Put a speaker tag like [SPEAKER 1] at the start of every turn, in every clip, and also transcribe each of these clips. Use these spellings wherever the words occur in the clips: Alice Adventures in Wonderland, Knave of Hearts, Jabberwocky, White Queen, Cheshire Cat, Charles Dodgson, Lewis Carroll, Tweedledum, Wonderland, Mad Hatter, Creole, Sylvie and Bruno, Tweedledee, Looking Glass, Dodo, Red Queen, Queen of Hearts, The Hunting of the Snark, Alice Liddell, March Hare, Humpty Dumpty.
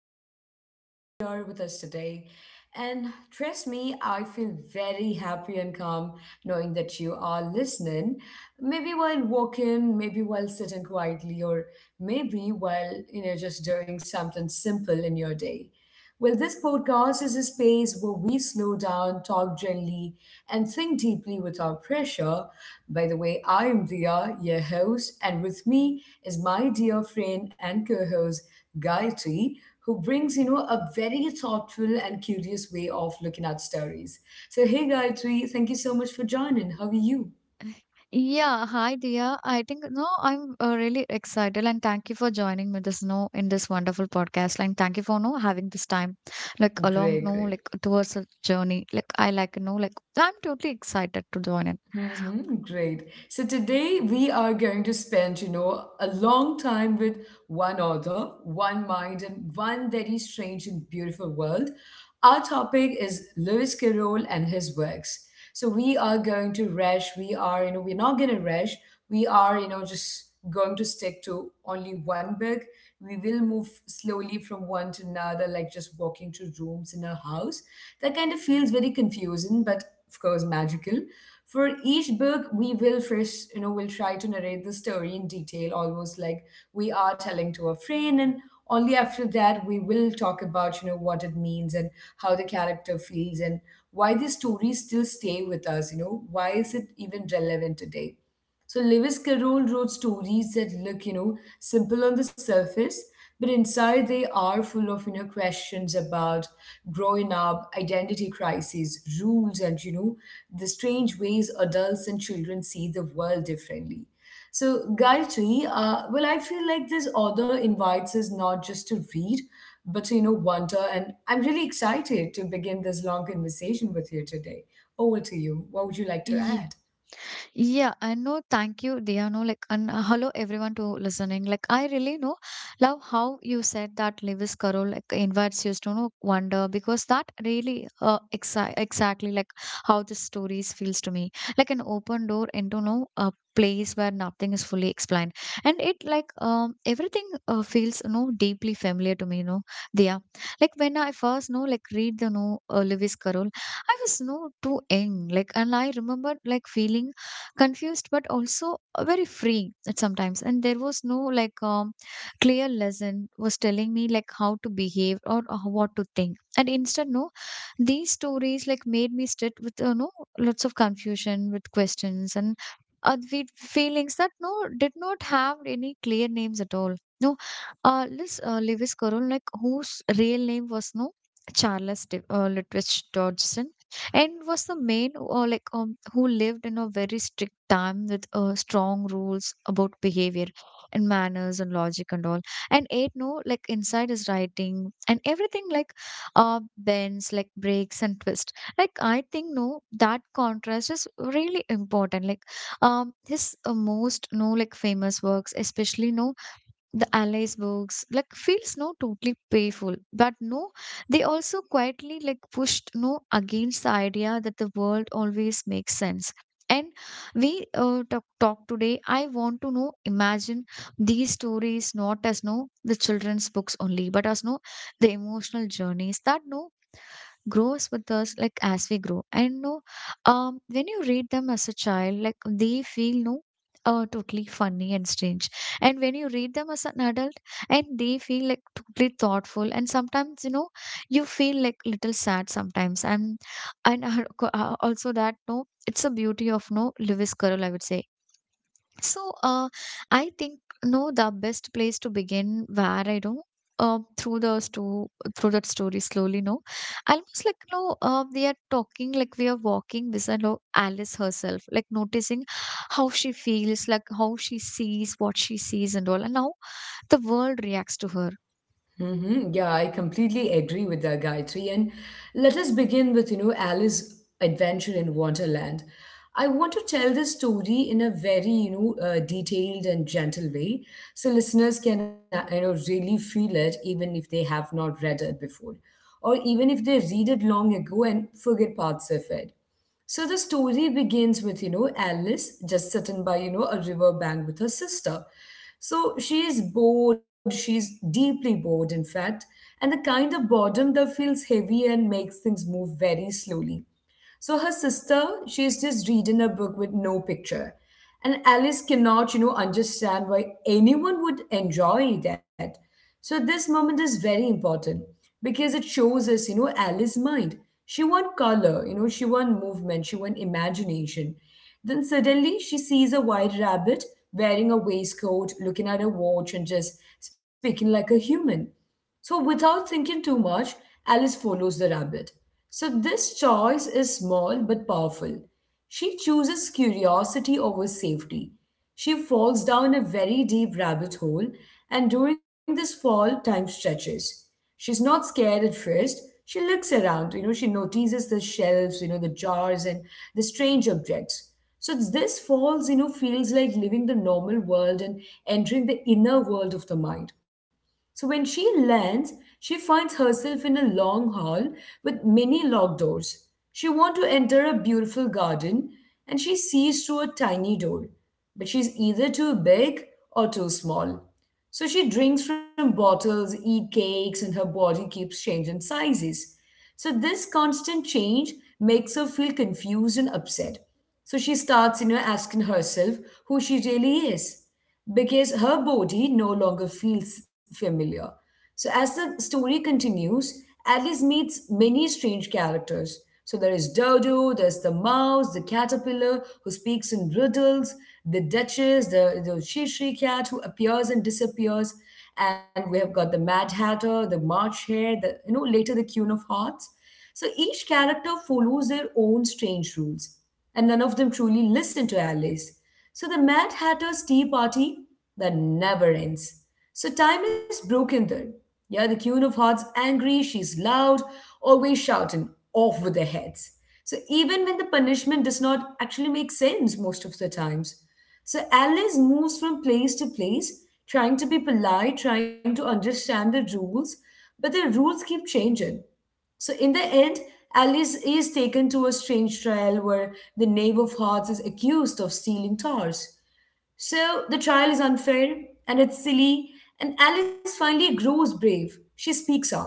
[SPEAKER 1] thank you for being here with us today. And trust me, I feel very happy and calm knowing that you are listening. Maybe while walking, maybe while sitting quietly, or maybe while, you know, just doing something simple in your day. Well, this podcast is a space where we slow down, talk gently, and think deeply without pressure. By the way, I'm Dia, your host, and with me is my dear friend and co-host Gayatri, who brings, you know, a very thoughtful and curious way of looking at stories. So, hey Gayatri, thank you so much for joining. How are you?
[SPEAKER 2] Yeah, hi Dia. I think no, I'm really excited and thank you for joining me this no in this wonderful podcast and thank you for no having this time like along
[SPEAKER 1] Great,
[SPEAKER 2] no
[SPEAKER 1] great.
[SPEAKER 2] like towards a journey. Like I like no like I'm totally excited to join
[SPEAKER 1] Mm-hmm, great. So today we are going to spend, you know, a long time with one author, one mind, and one very strange and beautiful world. Our topic is Lewis Carroll and his works. So we are going to rush. We are, you know, we're not going to rush. We are, you know, just going to stick to only one book. We will move slowly from one to another, like just walking through rooms in a house. That kind of feels very confusing, but of course magical for each book, we will first, you know, we'll try to narrate the story in detail, almost like we are telling to a friend. And only after that, we will talk about, you know, what it means and how the character feels and why these stories still stay with us, you know, why is it even relevant today? So Lewis Carroll wrote stories that look, you know, simple on the surface, but inside they are full of, you know, questions about growing up, identity crises, rules, and, you know, the strange ways adults and children see the world differently. So, Gayatri, well, I feel like this author invites us not just to read, but to, you know, wonder. And I'm really excited to begin this long conversation with you today. Over to you. What would you like to
[SPEAKER 2] it.
[SPEAKER 1] add?
[SPEAKER 2] Yeah, I know. Thank you, Dia. No, like, and hello everyone to listening. Like, I really know love how you said that Lewis Carroll like invites you to know wonder because that really exactly like how the stories feels to me, like an open door into no a place where nothing is fully explained, and it like everything feels you know deeply familiar to me. You know, Dia. Like when I first know like read the no Lewis Carroll, I was no too young, like, and I remember like feeling confused but also very free at sometimes, and there was no like clear lesson was telling me like how to behave or what to think, and instead no these stories like made me sit with you know lots of confusion with questions and with feelings that no did not have any clear names at all no this Lewis Carroll like whose real name was no Charles Lutwidge Dodgson, and was the main like who lived in a very strict time with strong rules about behavior and manners and logic and all, and eight no like inside his writing and everything like bends like breaks and twist. Like I think no that contrast is really important, like his most no like famous works especially no the analyze books like feels no totally painful, but no they also quietly like pushed no against the idea that the world always makes sense. And we talk today, I want to know imagine these stories not as no the children's books only, but as no the emotional journeys that no grows with us like as we grow, and no when you read them as a child like they feel no totally funny and strange, and when you read them as an adult and they feel like totally thoughtful, and sometimes you know you feel like little sad sometimes, and also that no it's a beauty of no Lewis Carroll, I would say. So, I think no, the best place to begin where I know uh, through the sto through that story slowly. No, almost like no, we are talking like we are walking beside no, Alice herself, like noticing how she feels, like how she sees what she sees and all, and how the world reacts to her.
[SPEAKER 1] Mm-hmm. Yeah, I completely agree with that, Gayatri. And let us begin with, you know, Alice's adventure in Wonderland. I want to tell this story in a very, you know, detailed and gentle way, so listeners can, you know, really feel it, even if they have not read it before, or even if they read it long ago and forget parts of it. So the story begins with, you know, Alice just sitting by, you know, a river bank with her sister. So she is bored, she's deeply bored, in fact, and the kind of boredom that feels heavy and makes things move very slowly. So her sister, she's just reading a book with no picture. And Alice cannot, you know, understand why anyone would enjoy that. So this moment is very important because it shows us, you know, Alice's mind. She want color, you know, she want movement, she want imagination. Then suddenly she sees a white rabbit wearing a waistcoat, looking at a watch and just speaking like a human. So, without thinking too much, Alice follows the rabbit. So, this choice is small but powerful. She chooses curiosity over safety. She falls down a very deep rabbit hole, and during this fall, time stretches. She's not scared at first. She looks around, you know, she notices the shelves, you know, the jars and the strange objects. So this falls, you know, feels like leaving the normal world and entering the inner world of the mind. So when she lands, she finds herself in a long hall with many locked doors. She wants to enter a beautiful garden and she sees through a tiny door, but she's either too big or too small. So she drinks from bottles, eat cakes, and her body keeps changing sizes. So this constant change makes her feel confused and upset. So she starts, you know, asking herself who she really is because her body no longer feels familiar. So as the story continues, Alice meets many strange characters. So there is Dodo, there's the mouse, the caterpillar who speaks in riddles, the Duchess, the Shishri cat who appears and disappears, and we have got the Mad Hatter, the March Hare, the you know later the Queen of Hearts. So each character follows their own strange rules, and none of them truly listen to Alice. So the Mad Hatter's tea party that never ends. So time is broken there. Yeah, the Queen of Hearts angry, she's loud, always shouting, off with their heads. So even when the punishment does not actually make sense most of the times. So Alice moves from place to place, trying to be polite, trying to understand the rules, but the rules keep changing. So in the end, Alice is taken to a strange trial where the Knave of Hearts is accused of stealing towers. So the trial is unfair and it's silly, and Alice finally grows brave. She speaks up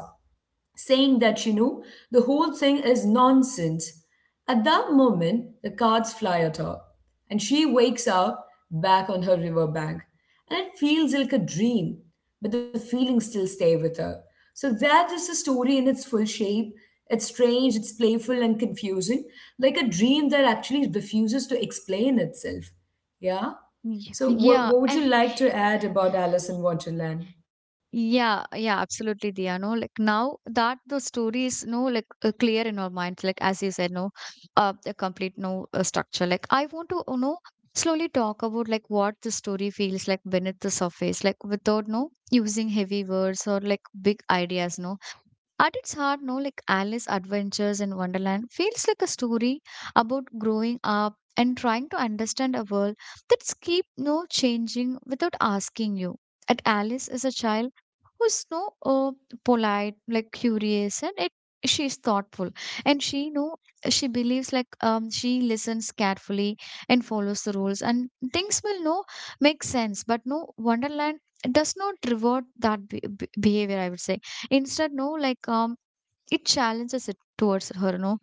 [SPEAKER 1] saying that, you know, the whole thing is nonsense. At that moment, the cards fly at her, and she wakes up back on her riverbank. And it feels like a dream, but the feelings still stay with her. So that is the story in its full shape. It's strange, it's playful and confusing, like a dream that actually refuses to explain itself. Yeah?
[SPEAKER 2] Y-
[SPEAKER 1] So what
[SPEAKER 2] Yeah,
[SPEAKER 1] what would
[SPEAKER 2] I.
[SPEAKER 1] you like to add about Alice in Wonderland?
[SPEAKER 2] Yeah, yeah, absolutely, Diya. No, like now that the story is no like clear in our minds, like as you said, no, the complete no structure. Like I want to, you know, slowly talk about like what the story feels like beneath the surface, like without no using heavy words or like big ideas, no. At its heart, no, like Alice Adventures in Wonderland feels like a story about growing up and trying to understand a world that's keep no changing without asking you. And Alice is a child who's no polite, like curious, and it she's thoughtful, and she know she believes like she listens carefully and follows the rules, and things will no make sense. But no Wonderland does not reward that behavior, I would say. Instead, no, like it challenges it towards her, no.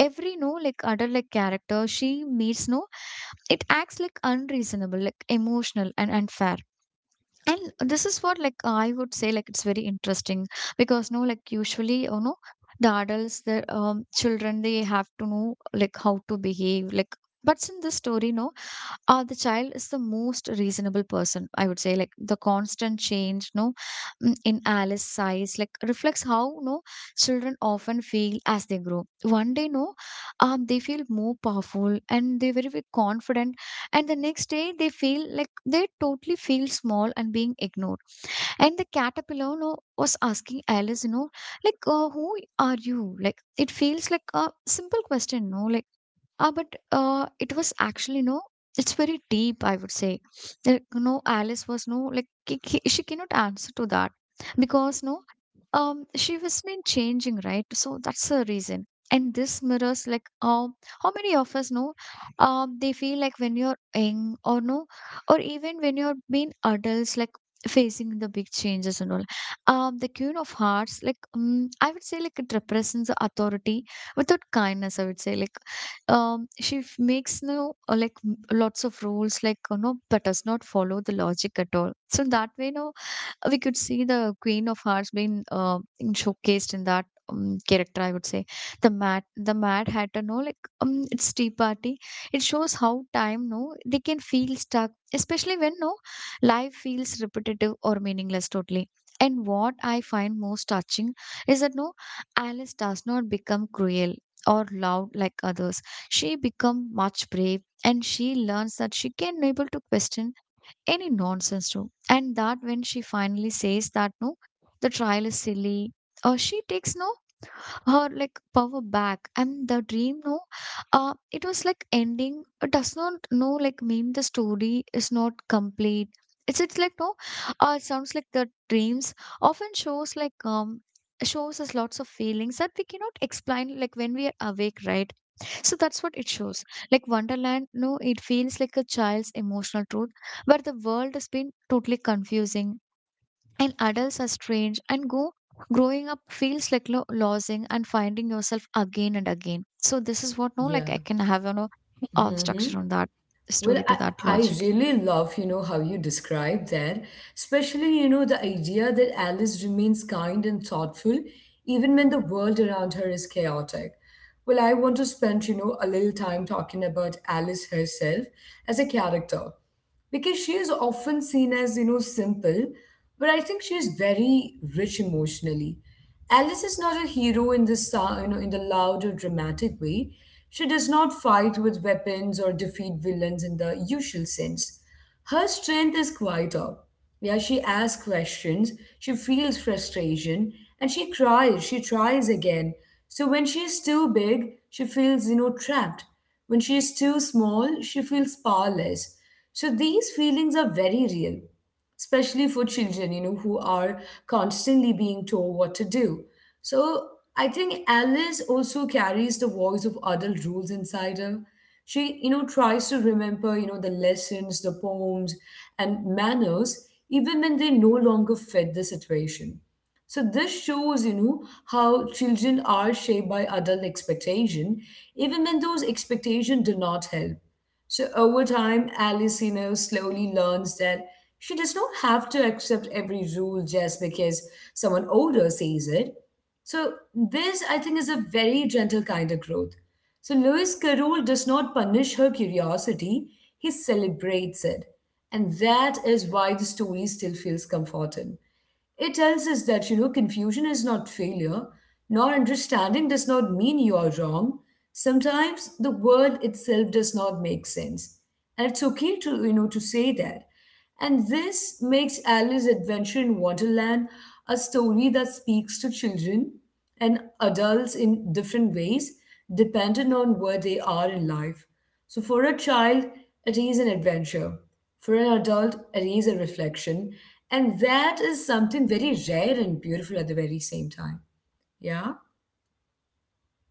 [SPEAKER 2] Every no, like other like character she meets, no, it acts like unreasonable, like emotional and unfair. And this is what like I would say like it's very interesting because no, like usually, you know, the adults, the children, they have to know like how to behave, like. But in this story, no, the child is the most reasonable person, I would say. Like the constant change no in Alice size like reflects how no children often feel as they grow. One day no they feel more powerful and they very, very confident, and the next day they feel like they totally feel small and being ignored. And the caterpillar, you know, was asking Alice, you know, like, who are you? Like, it feels like a simple question, no? Like, but it was actually, no, it's very deep, I would say. Like, you know, Alice was, no, like, she cannot answer to that because, no, she was been changing, right? So that's the reason. And this mirrors, like, how many of us know, they feel like when you're young or no, or even when you're being adults, like facing the big changes and all. The Queen of Hearts, like I would say, like it represents the authority without kindness, I would say. Like she makes no like lots of rules, like you know, but does not follow the logic at all. So that way, no we could see the Queen of Hearts being showcased in that character, I would say. The Mad Hatter. No, like it's Tea Party. It shows how time. No, they can feel stuck, especially when no life feels repetitive or meaningless totally. And what I find most touching is that no, Alice does not become cruel or loud like others. She become much brave and she learns that she can able to question any nonsense too. And that when she finally says that no, the trial is silly, or she takes no her like power back, and the dream no, it was like ending. It does not no like mean the story is not complete. It's like no, it sounds like the dreams often shows like shows us lots of feelings that we cannot explain like when we are awake, right? So that's what it shows. Like Wonderland, no, it feels like a child's emotional truth, where the world has been totally confusing and adults are strange, and go growing up feels like losing and finding yourself again and again. So this is what no, like I
[SPEAKER 1] Yeah.
[SPEAKER 2] can have, you know,
[SPEAKER 1] Mm-hmm.
[SPEAKER 2] structure on that
[SPEAKER 1] Well,
[SPEAKER 2] story to
[SPEAKER 1] I,
[SPEAKER 2] that
[SPEAKER 1] I
[SPEAKER 2] logic.
[SPEAKER 1] really love, you know, how you describe that, especially, you know, the idea that Alice remains kind and thoughtful even when the world around her is chaotic. Well, I want to spend, you know, a little time talking about Alice herself as a character because she is often seen as, you know, simple, but I think she is very rich emotionally. Alice is not a hero in the you know, in the loud or dramatic way. She does not fight with weapons or defeat villains in the usual sense. Her strength is quieter. Yeah, she asks questions, she feels frustration, and she cries, she tries again. So when she is too big, she feels, you know, trapped. When she is too small, she feels powerless. So these feelings are very real, especially for children, you know, who are constantly being told what to do. So I think Alice also carries the voice of adult rules inside her. She, you know, tries to remember, you know, the lessons, the poems, and manners, even when they no longer fit the situation. So this shows, you know, how children are shaped by adult expectation, even when those expectations do not help. So over time, Alice, you know, slowly learns that she does not have to accept every rule just because someone older says it. So this, I think, is a very gentle kind of growth. So Lewis Carroll does not punish her curiosity; he celebrates it, and that is why the story still feels comforting. It tells us that, you know, confusion is not failure. Not understanding does not mean you are wrong. Sometimes the world itself does not make sense. And it's okay to, you know, to say that. And this makes Alice's Adventure in Wonderland a story that speaks to children and adults in different ways, depending on where they are in life. So for a child, it is an adventure. For an adult, it is a reflection. And that is something very rare and beautiful at the very same time. Yeah?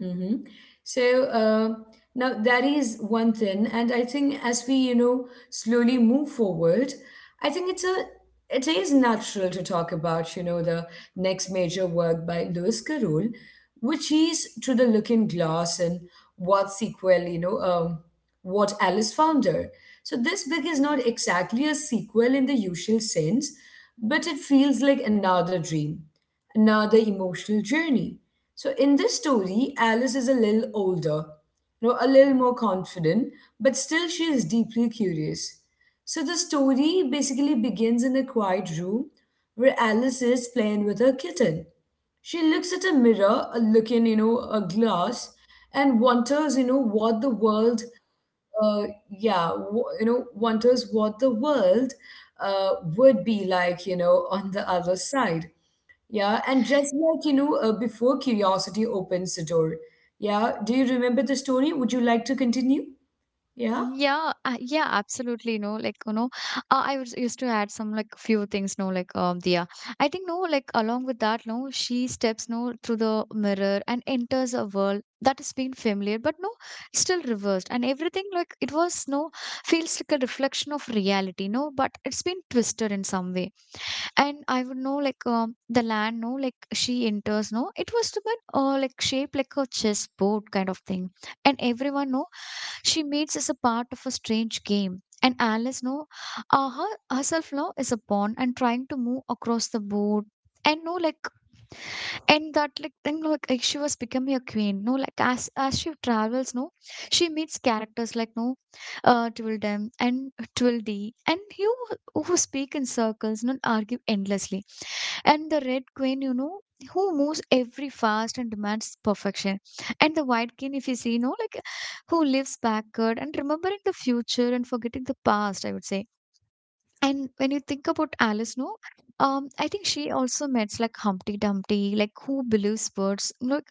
[SPEAKER 1] Mm-hmm. So now that is one thing, and I think as we, you know, slowly move forward, I think it is natural to talk about, you know, the next major work by Lewis Carroll, which is *To the Looking Glass* and what sequel you know what Alice found her. So this book is not exactly a sequel in the usual sense, but it feels like another dream, another emotional journey. So in this story, Alice is a little older, you know, a little more confident, but still she is deeply curious. So the story basically begins in a quiet room where Alice is playing with her kitten. She looks at a mirror, a look you know, a glass, and wonders, you know, what the world, uh, yeah, you know, wonders what the world uh, would be like, you know, on the other side. Yeah, and just like you know, before curiosity opens the door. Yeah, do you remember the story? Would you like to continue? Yeah.
[SPEAKER 2] Yeah, yeah, absolutely. No, like you know, I was used to add some like few things. No, like Dia. I think no, like along with that, no, she steps no through the mirror and enters a world that has been familiar, but no, still reversed. And everything like it was no feels like a reflection of reality. No, but it's been twisted in some way, and I would know like the land, no, like she enters, no, it was to be like shaped like a chessboard kind of thing, and everyone know she meets as a part of a strange game. And Alice, no, her herself now is a pawn and trying to move across the board, and no, like and that like thing like she was becoming a queen no like as she travels no she meets characters like no twill them and twill thee, and you who speak in circles, not argue endlessly. And the red queen, you know, who moves every fast and demands perfection. And the white queen, if you see, you know, like who lives backward and remembering the future and forgetting the past, I would say. And when you think about Alice, no, I think she also meets like Humpty Dumpty, like who believes birds,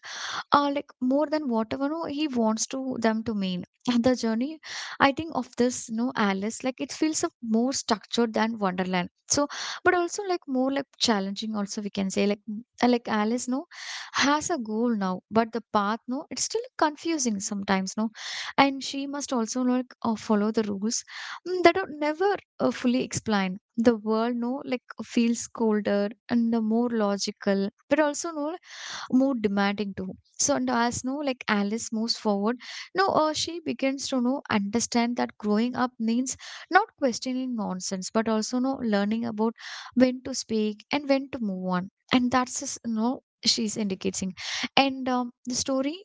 [SPEAKER 2] like more than whatever no, he wants to them to mean. And the journey, I think, of this no Alice, like it feels a more structured than Wonderland. So but also like more like challenging also, we can say. Like like Alice no has a goal now, but the path no it's still confusing sometimes no, and she must also like follow the rules that are never fully explained. The world no like feels colder and the more logical, but also no more demanding too. So and as no like Alice moves forward, no she begins to know understand that growing up means not questioning nonsense, but also no learning about when to speak and when to move on. And that's just, no, she's indicating. And the story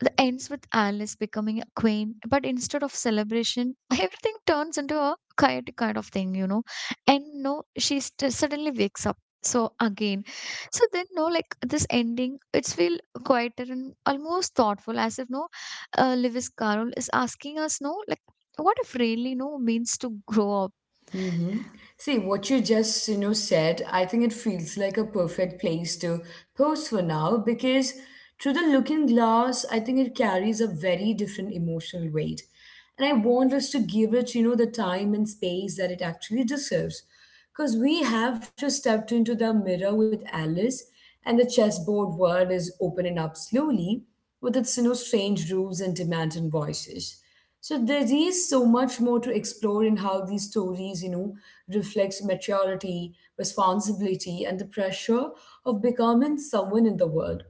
[SPEAKER 2] the ends with Alice becoming a queen, but instead of celebration, everything turns into a chaotic kind of thing, you know. And no, she suddenly wakes up. So again, so then, no, like this ending, it's feel quieter and almost thoughtful, as if no, Lewis Carroll is asking us, no, like what if really no means to grow up.
[SPEAKER 1] Mm-hmm. See, what you just, you know, said, I think it feels like a perfect place to pause for now because through the looking glass, I think it carries a very different emotional weight. And I want us to give it, you know, the time and space that it actually deserves. Because we have just stepped into the mirror with Alice, and the chessboard world is opening up slowly with its, strange rules and demanding voices. So there is so much more to explore in how these stories, reflects maturity, responsibility, and the pressure of becoming someone in the world.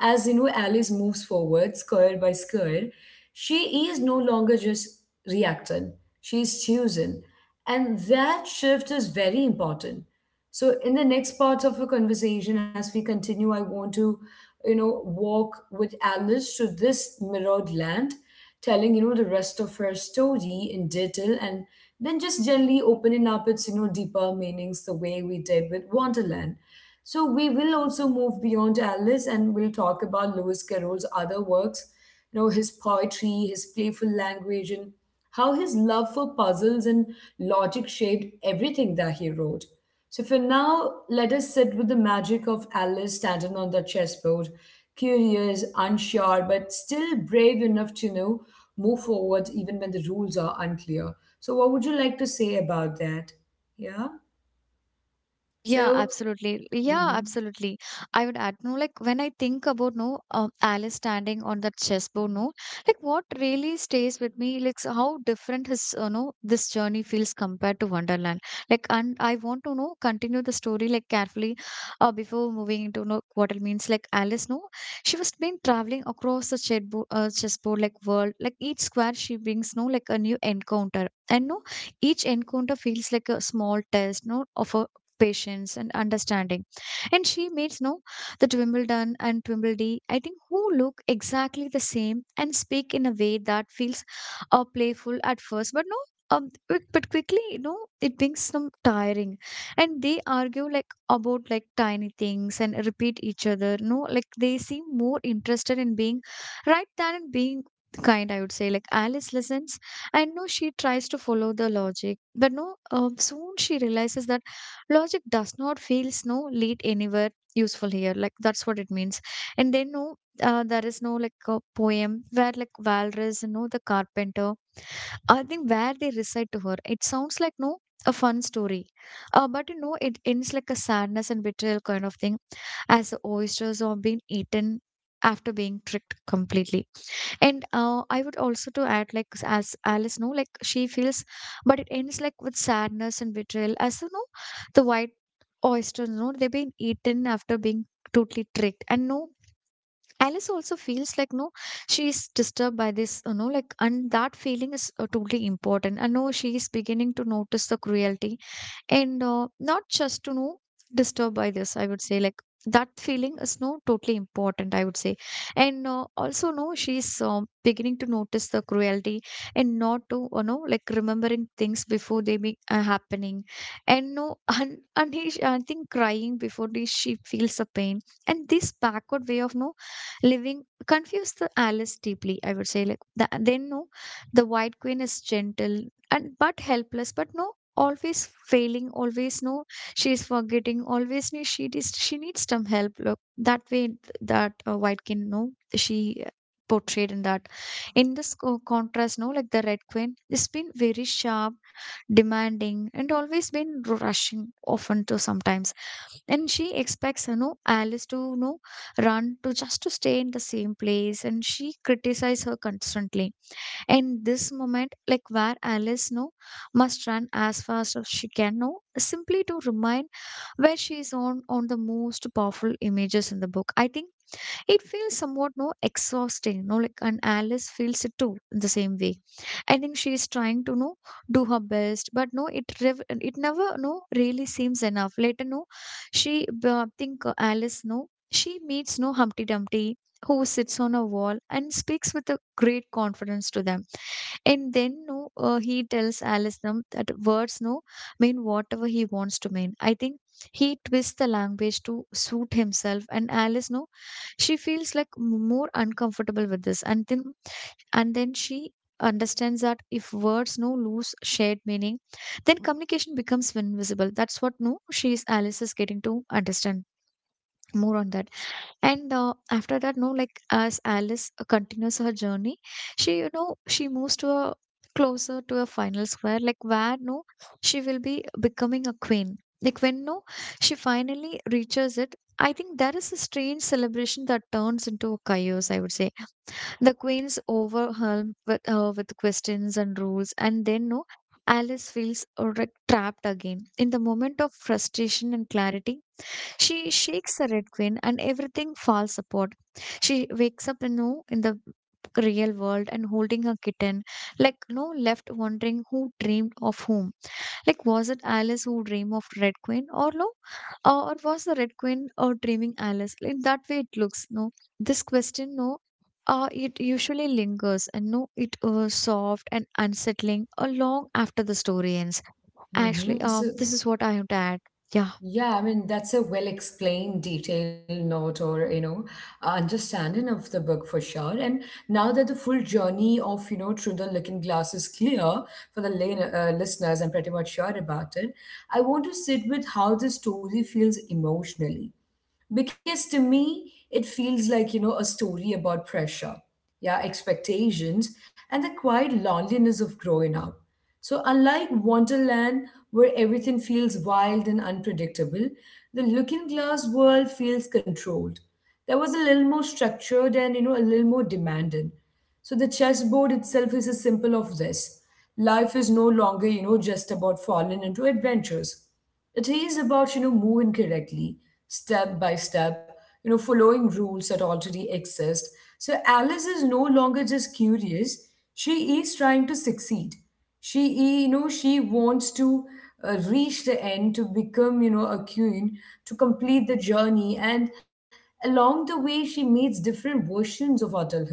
[SPEAKER 1] As you know, Alice moves forward, square by square. She is no longer just reacting, she is choosing. And that shift is very important. So, in the next part of our conversation, as we continue, I want to, walk with Alice to this mirrored land, telling, the rest of her story in detail and then just generally opening up its, deeper meanings the way we did with Wonderland. So we will also move beyond Alice and we'll talk about Lewis Carroll's other works, his poetry, his playful language, and how his love for puzzles and logic shaped everything that he wrote. So for now, let us sit with the magic of Alice standing on the chessboard, curious, unsure, but still brave enough to know move forward even when the rules are unclear. So what would you like to say about that? Yeah.
[SPEAKER 2] Yeah,
[SPEAKER 1] So.
[SPEAKER 2] absolutely. Yeah,
[SPEAKER 1] Mhm.
[SPEAKER 2] absolutely. I would add, no, like when I think about no, Alice standing on that chessboard, no, like what really stays with me, like so how different his this journey feels compared to Wonderland. Like, and I want to know continue the story like carefully, before moving into no what it means. Like Alice, no, she was been traveling across the chessboard, chessboard like world, like each square she brings, no, like a new encounter, and no, each encounter feels like a small test no of a patience and understanding. And she meets no that Wimbledon and Twimbledy, I think, who look exactly the same and speak in a way that feels playful at first, but no. But quickly, it becomes some tiring, and they argue like about like tiny things and repeat each other. No, Like they seem more interested in being right than in being kind. I would say like Alice listens, and no, she tries to follow the logic, but no, soon she realizes that logic does not feels no lead anywhere useful here, like that's what it means. And then there is no like a poem where like Valras, the carpenter, I think, where they recite to her. It sounds like no a fun story, but it ends like a sadness and betrayal kind of thing, as the oysters are being eaten after being tricked completely. And I would also to add like as alice know like she feels, but it ends like with sadness and betrayal, as the white oysters, no they've been eaten after being totally tricked. And no alice also feels like no she is disturbed by this, like, and that feeling is totally important. And no she is beginning to notice the cruelty, and not just to know disturbed by this, I would say. Like that feeling is no totally important, I would say. And also no she's beginning to notice the cruelty, and not to like remembering things before they be happening. And no and, and he, I think, crying before the, she feels the pain. And this backward way of no living confused the alice deeply, I would say. Like then no the white queen is gentle and but helpless, but always failing, always she's forgetting, always no, she is she needs some help look that way that white can No, She portrayed in that, in this contrast, no like the red queen it's been very sharp, demanding, and always been rushing often to sometimes. And she expects alice to run to just to stay in the same place, and she criticizes her constantly. In this moment, like where Alice no must run as fast as she can no simply to remind where she is, on the most powerful images in the book, I think. It feels somewhat exhausting, no like, and Alice feels it too in the same way. I think she is trying to no do her best, but it it never no really seems enough. Later, she think Alice she meets no Humpty Dumpty, who sits on a wall and speaks with a great confidence to them. And then he tells Alice, that words no mean whatever he wants to mean. I think he twists the language to suit himself, and Alice no, she feels like more uncomfortable with this. And then she understands that if words no lose shared meaning, then communication becomes invisible. That's what, no, she is Alice is getting to understand more on that. And after that, no like as alice continues her journey, she, she moves to a closer to a final square, like where no she will be becoming a queen. Like when no she finally reaches it, I think there is a strange celebration that turns into a chaos, I would say. The queen's overwhelmed with questions and rules, and then no alice feels like trapped again in the moment of frustration and clarity. She shakes the Red Queen and everything falls apart. She wakes up in, no, in the real world and holding her kitten, like no left wondering who dreamed of whom. Like, was it Alice who dreamed of Red Queen or no? Or was the Red Queen or dreaming Alice? In that way it looks, no. This question, no. It usually lingers, and no, it soft and unsettling long after the story ends. Actually,
[SPEAKER 1] Mm-hmm. So,
[SPEAKER 2] this is what I have to add. Yeah,
[SPEAKER 1] yeah, I mean, that's a well explained, detailed note or, understanding of the book for sure. And now that the full journey of, Through the Looking Glass is clear for the lane, listeners, I'm pretty much sure about it. I want to sit with how the story feels emotionally, because to me it feels like, you know, a story about pressure, yeah, expectations, and the quiet loneliness of growing up. So unlike Wonderland, where everything feels wild and unpredictable, the looking glass world feels controlled. That was a little more structured and, you know, a little more demanding. So the chessboard itself is a symbol of this. Life is no longer, you know, just about falling into adventures. It is about, you know, moving correctly, step by step, following rules that already exist. So Alice is no longer just curious. She is trying to succeed. She wants to reach the end, to become, you know, a queen, to complete the journey. And along the way, she meets different versions of adulthood.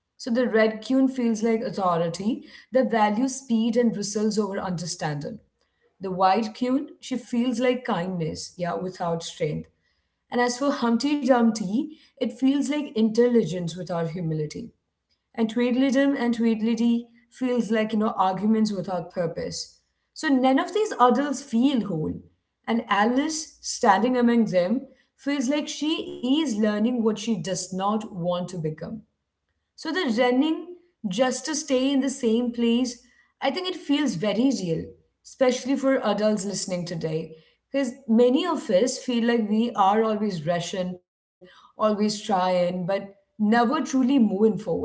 [SPEAKER 1] So the red queen feels like authority that values speed and results over understanding. The white queen, she feels like kindness, yeah, without strength. And as for Humpty Dumpty, it feels like intelligence without humility. And Tweedledum and Tweedledee feels like, you know, arguments without purpose. So none of these adults feel whole. And Alice, standing among them, feels like she is learning what she does not want to become. So the running just to stay in the same place, I think it feels very real, especially for adults listening today. Because many of us feel like we are always rushing, always trying, but never truly moving forward.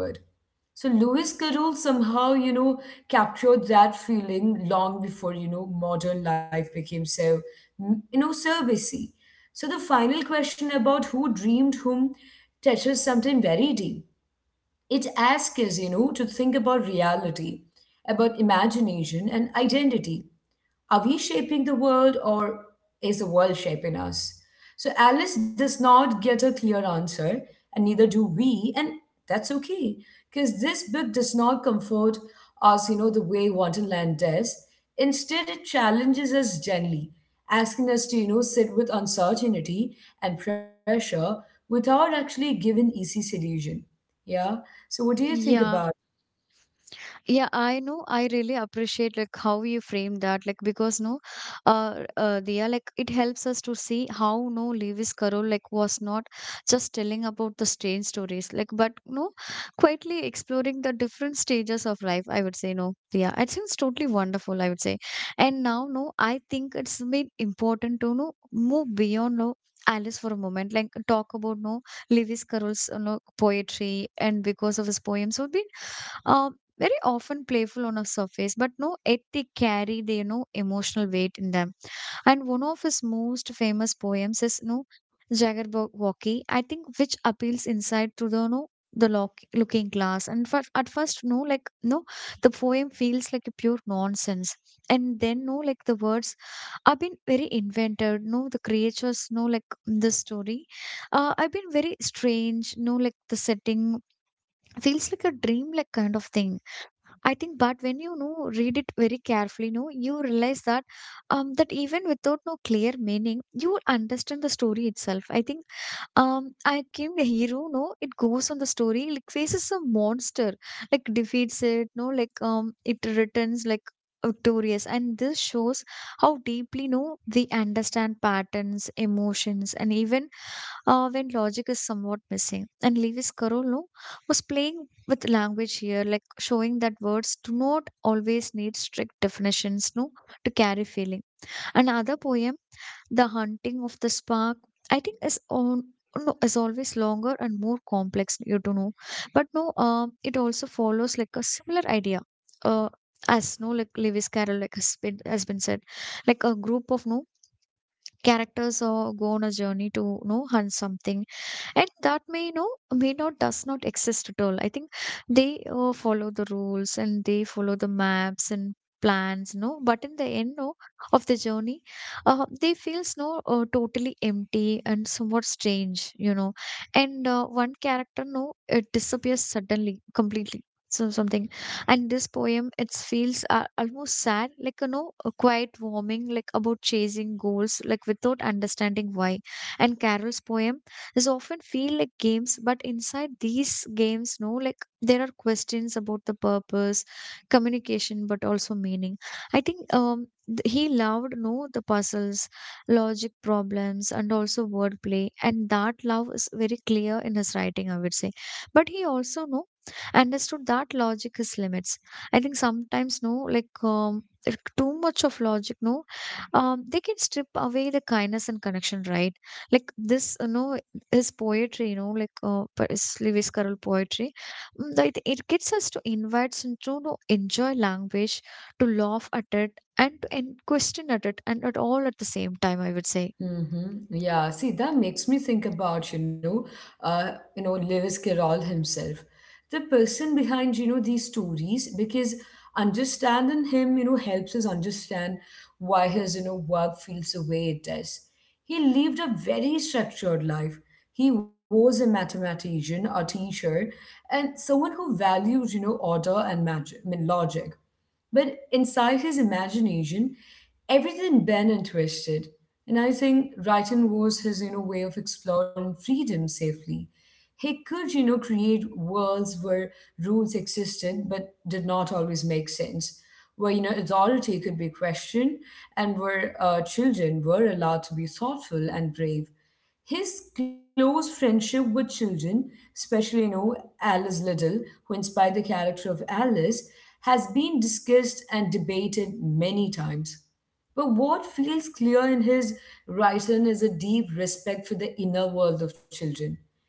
[SPEAKER 1] So Lewis Carroll somehow, captured that feeling long before, modern life became so, so busy. So the final question about who dreamed whom touches something very deep. It asks us, to think about reality, about imagination and identity. Are we shaping the world or is the world shaping us? So Alice does not get a clear answer, and neither do we, and that's okay, because this book does not comfort us, the way Wonderland does. Instead, it challenges us gently, asking us to, sit with uncertainty and pressure without actually giving easy solution. Yeah. So what do you think about?
[SPEAKER 2] yeah. Yeah, I know. I really appreciate like how you frame that. Like because no, Diya, like it helps us to see how no Lewis Carroll like was not just telling about the strange stories, like but no, quietly exploring the different stages of life. I would say no, Diya, it seems totally wonderful, I would say. And now no, I think it's been important to move beyond no. Alice for a moment, like talk about no Lewis Carroll's, poetry, and because of his poems would be uh, very often playful on a surface, but no yet they carry their no emotional weight in them. And one of his most famous poems is no Jaggerwocky, I think, which appeals inside to the no the lock, looking glass. And for, at first, no, like no, the poem feels like a pure nonsense. And then, no, like the words I've been very invented, the creatures, no, like the story. I've been very strange, no, like the setting feels like a dream, like kind of thing, I think. But when read it very carefully, no, you realize that even without no clear meaning, you will understand the story itself, I think. I came the hero, no, it goes on the story, like faces a monster, like defeats it, no, like it returns like victorious. And this shows how deeply no they understand patterns, emotions, and even when logic is somewhat missing. And Lewis Carroll no, was playing with language here, like showing that words do not always need strict definitions, no, to carry feeling. Another poem, the hunting of the spark, I think, is on. No, Is always longer and more complex, you don't know. But no, it also follows like a similar idea. Uh, as no, like Lewis Carroll, like has been said, like a group of no characters or go on a journey to hunt something, and that may, may not, does not exist at all, I think. They follow the rules and they follow the maps and plans, no but in the end, no of the journey, they feels, no totally empty and somewhat strange, you know. And one character, no it disappears suddenly completely, so something. And this poem it feels almost sad, like, quite warming, like about chasing goals like without understanding why. And carol's poem is often feel like games, but inside these games, no like there are questions about the purpose, communication, but also meaning, I think. He loved no the puzzles, logic problems, and also wordplay, and that love is very clear in his writing, I would say. But he also, no understood that logic has limits. I think sometimes, if too much of logic, no, they can strip away the kindness and connection, right? Like this, his poetry, but it's Lewis Carroll poetry, that it gets us to invite and to, no, enjoy language, to laugh at it, and to question at it, and at all at the same time, I would say.
[SPEAKER 1] Mm-hmm. Yeah, see, that makes me think about, Lewis Carroll himself, the person behind, these stories, because understanding him, helps us understand why his, you know, work feels the way it does. He lived a very structured life. He was a mathematician, a teacher, and someone who valued, you know, order and magic, I mean logic. But inside his imagination, everything bent and twisted. And I think writing was his, you know, way of exploring freedom safely. He could, you know, create worlds where rules existed but did not always make sense, where, you know, authority could be questioned, and where children were allowed to be thoughtful and brave. His close friendship with children, especially, Alice Liddell, who inspired the character of Alice, has been discussed and debated many times. But what feels clear in his writing is a deep respect for the inner world of children.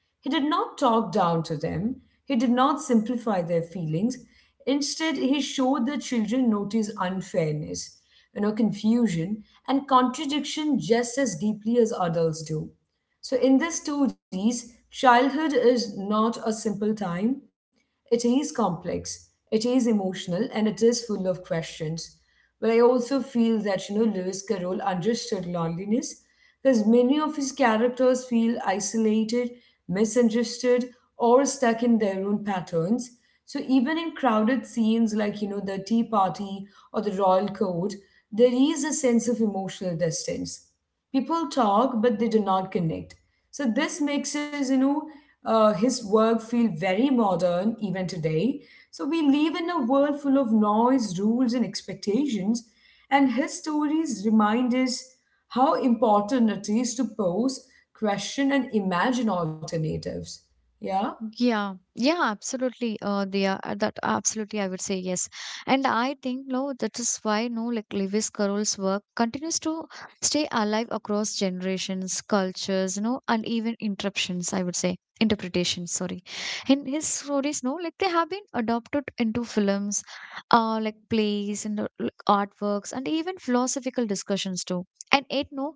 [SPEAKER 1] He did not talk down to them. He did not simplify their feelings. Instead, he showed the children notice unfairness, confusion, and contradiction just as deeply as adults do. So in these stories, childhood is not a simple time. It is complex, it is emotional, and it is full of questions. But I also feel that, you know, Lewis Carroll understood loneliness, because many of his characters feel isolated, misunderstood, or stuck in their own patterns. So even in crowded scenes like, you know, the tea party or the royal court, there is a sense of emotional distance. People talk, but they do not connect. So this makes his, his work feel very modern even today. So we live in a world full of noise, rules, and expectations, and his stories remind us how important it is to pose, question, and imagine alternatives. Yeah.
[SPEAKER 2] Yeah, yeah, absolutely. They are That absolutely, I would say. Yes, and I think, that is why, no, like Lewis Carroll's work continues to stay alive across generations, cultures, and even interruptions. I would say interpretations. Sorry, in his stories, no, like they have been adopted into films, like plays and like artworks, and even philosophical discussions too. And it no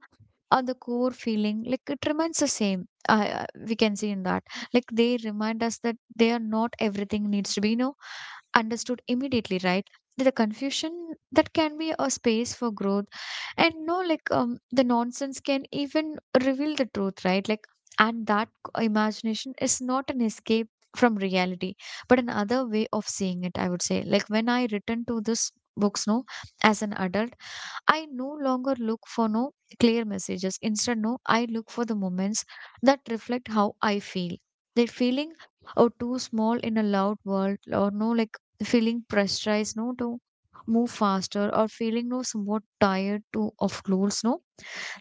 [SPEAKER 2] on the core feeling like it remains the same we can see in that, like they remind us that they are not everything needs to be understood immediately, right. The confusion that can be a space for growth. And no, like the nonsense can even reveal the truth, right, like. And that imagination is not an escape from reality, but another way of seeing it, I would say. Like when I return to this books, no, as an adult, I no longer look for no clear messages. Instead, no, I look for the moments that reflect how I feel. That feeling or too small in a loud world, or no, like feeling pressurized, no, to move faster, or feeling no somewhat tired to of goals, no,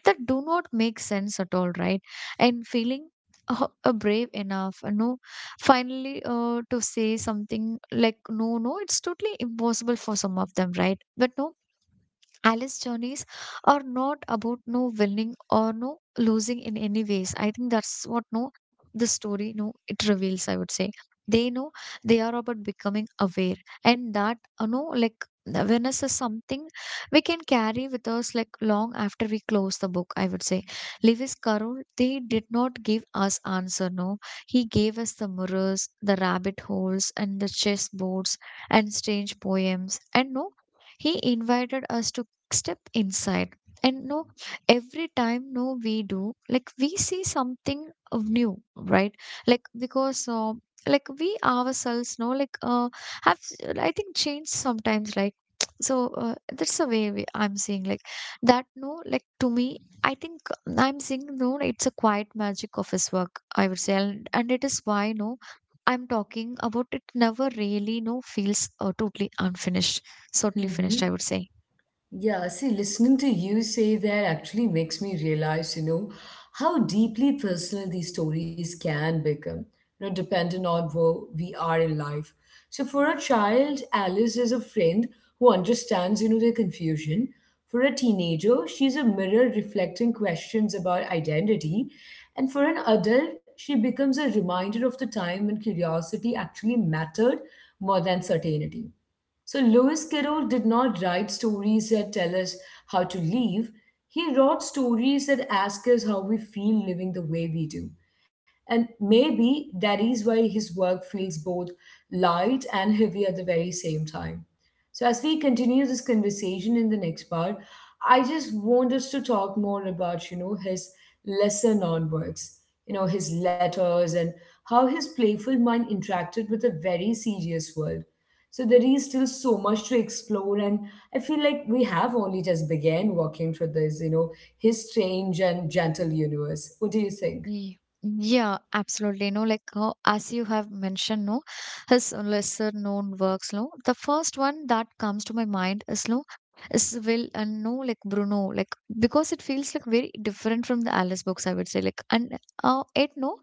[SPEAKER 2] that do not make sense at all, right? And feeling brave enough, no, finally, to say something like no, no, it's totally impossible for some of them, right? But no, Alice journeys are not about no winning or no losing in any ways. I think that's what no the story no it reveals, I would say. They know they are about becoming aware, and that like the awareness is something we can carry with us like long after we close the book, I would say. Lewis Carroll, they did not give us answer. No, he gave us the mirrors, the rabbit holes, and the chessboards and strange poems, and no he invited us to step inside, and no every time no we do, like we see something of new, right, like, because like we ourselves know, like have s- I think changed sometimes, right. So that's the way I'm seeing, like that no, like to me I think I'm seeing no it's a quiet magic of his work, I would say, and it is why no I'm talking about it never really no feels totally unfinished totally
[SPEAKER 1] Mm-hmm.
[SPEAKER 2] finished, I would say.
[SPEAKER 1] Yeah, see, listening to you say that actually makes me realize, how deeply personal these stories can become, dependent on where we are in life. So for a child, Alice is a friend who understands, their confusion. For a teenager, she's a mirror reflecting questions about identity. And for an adult, she becomes a reminder of the time when curiosity actually mattered more than certainty. So Lewis Carroll did not write stories that tell us how to live. He wrote stories that ask us how we feel living the way we do. And maybe that is why his work feels both light and heavy at the very same time. So, as we continue this conversation in the next part, I just want us to talk more about, his lesser known works, his letters and how his playful mind interacted with a very serious world. So there is still so much to explore, and I feel like we have only just began walking through this, his strange and gentle universe. What do you think?
[SPEAKER 2] Ye- Yeah, absolutely. No, like as you have mentioned, no, his lesser known works, no. The first one that comes to my mind is no, is Will and no, like Bruno, like because it feels like very different from the Alice books, I would say. Like, and it no,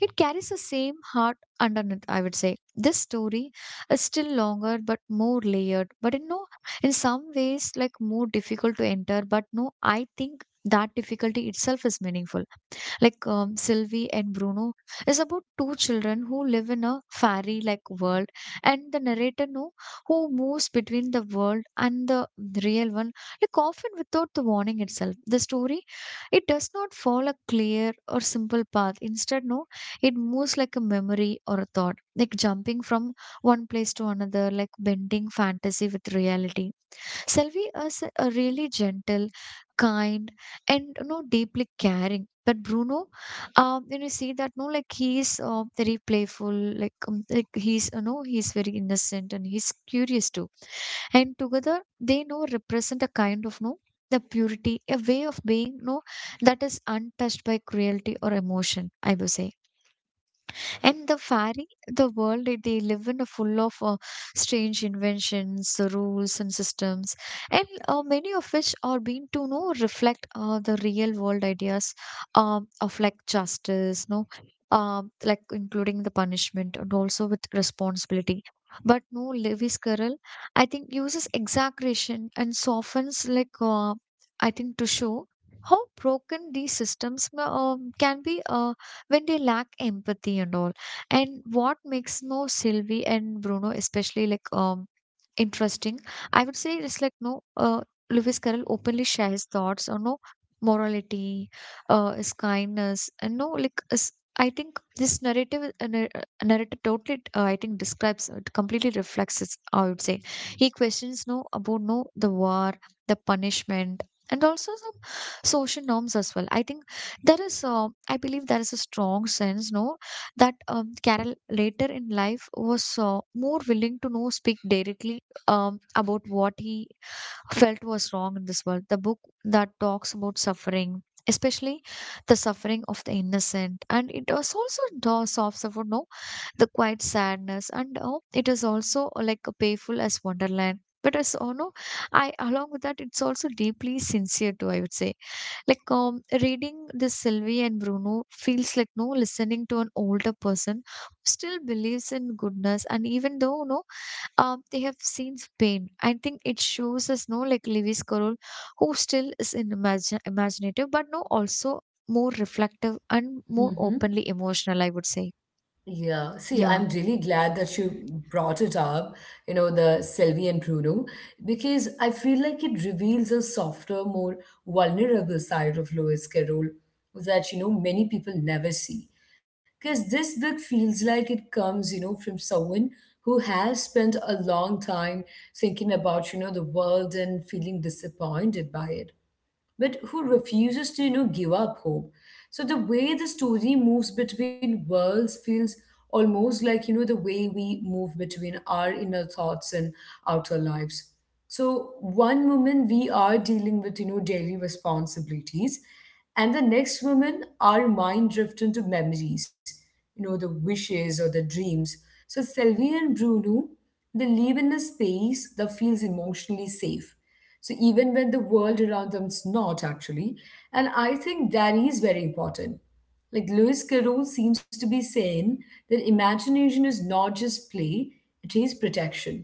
[SPEAKER 2] it carries the same heart underneath, I would say. This story is still longer but more layered, but in no, in some ways like more difficult to enter, but no, I think that difficulty itself is meaningful, like Sylvie and Bruno is about two children who live in a fairy-like world, and the narrator, no, who moves between the world and the real one, like often without the warning itself. The story, it does not follow a clear or simple path. Instead, no, it moves like a memory or a thought, like jumping from one place to another, like bending fantasy with reality. Selvi is a really gentle, kind, and deeply caring. But Bruno, when see that, no, like he's very playful, like he's he's very innocent and he's curious too, and together they know represent a kind of no the purity, a way of being no that is untouched by cruelty or emotion, I would say. And the fairy, the world that they live in, a full of strange inventions, rules, and systems, and many of which are being to know reflect the real world ideas, of like justice, no, like including the punishment and also with responsibility. But no, Lewis Carroll, I think uses exaggeration and softens like, I think, to show how broken these systems can be when they lack empathy and all. And what makes no Sylvie and Bruno especially like interesting, I would say, it's like no Lewis Carroll openly shares thoughts on no morality, his kindness, and no like his, I think this narrative narrative totally I think describes it completely reflects it, I would say. He questions no about no the war, the punishment, and also some social norms as well. I think there is I believe there is a strong sense no that Carol later in life was more willing to know speak directly about what he felt was wrong in this world. The book that talks about suffering, especially the suffering of the innocent, and it was also the soft suffering, no, the quiet sadness, and it is also like a painful as Wonderland. But as oh no, I along with that, it's also deeply sincere too, I would say. Like reading this Sylvie and Bruno feels like no listening to an older person who still believes in goodness, and even though no, they have seen pain. I think it shows us no like Lewis Carroll, who still is in imagine imaginative, but no also more reflective and more openly emotional, I would say,
[SPEAKER 1] Yeah, see, I'm
[SPEAKER 2] yeah.
[SPEAKER 1] really glad that you brought it up, the Selvi and Bruno, because I feel like it reveals a softer, more vulnerable side of Lewis Carroll that, many people never see. Because this book feels like it comes, from someone who has spent a long time thinking about, the world and feeling disappointed by it, but who refuses to, you know, give up hope. So the way the story moves between worlds feels almost like, you know, the way we move between our inner thoughts and outer lives. So one moment we are dealing with, you know, daily responsibilities, and the next moment our mind drifts into memories, you know, the wishes or the dreams. So Sylvie and Bruno, they live in a space that feels emotionally safe, so even when the world around them's not actually, and I think that is very important. Like Lewis Carroll seems to be saying that imagination is not just play, it is protection.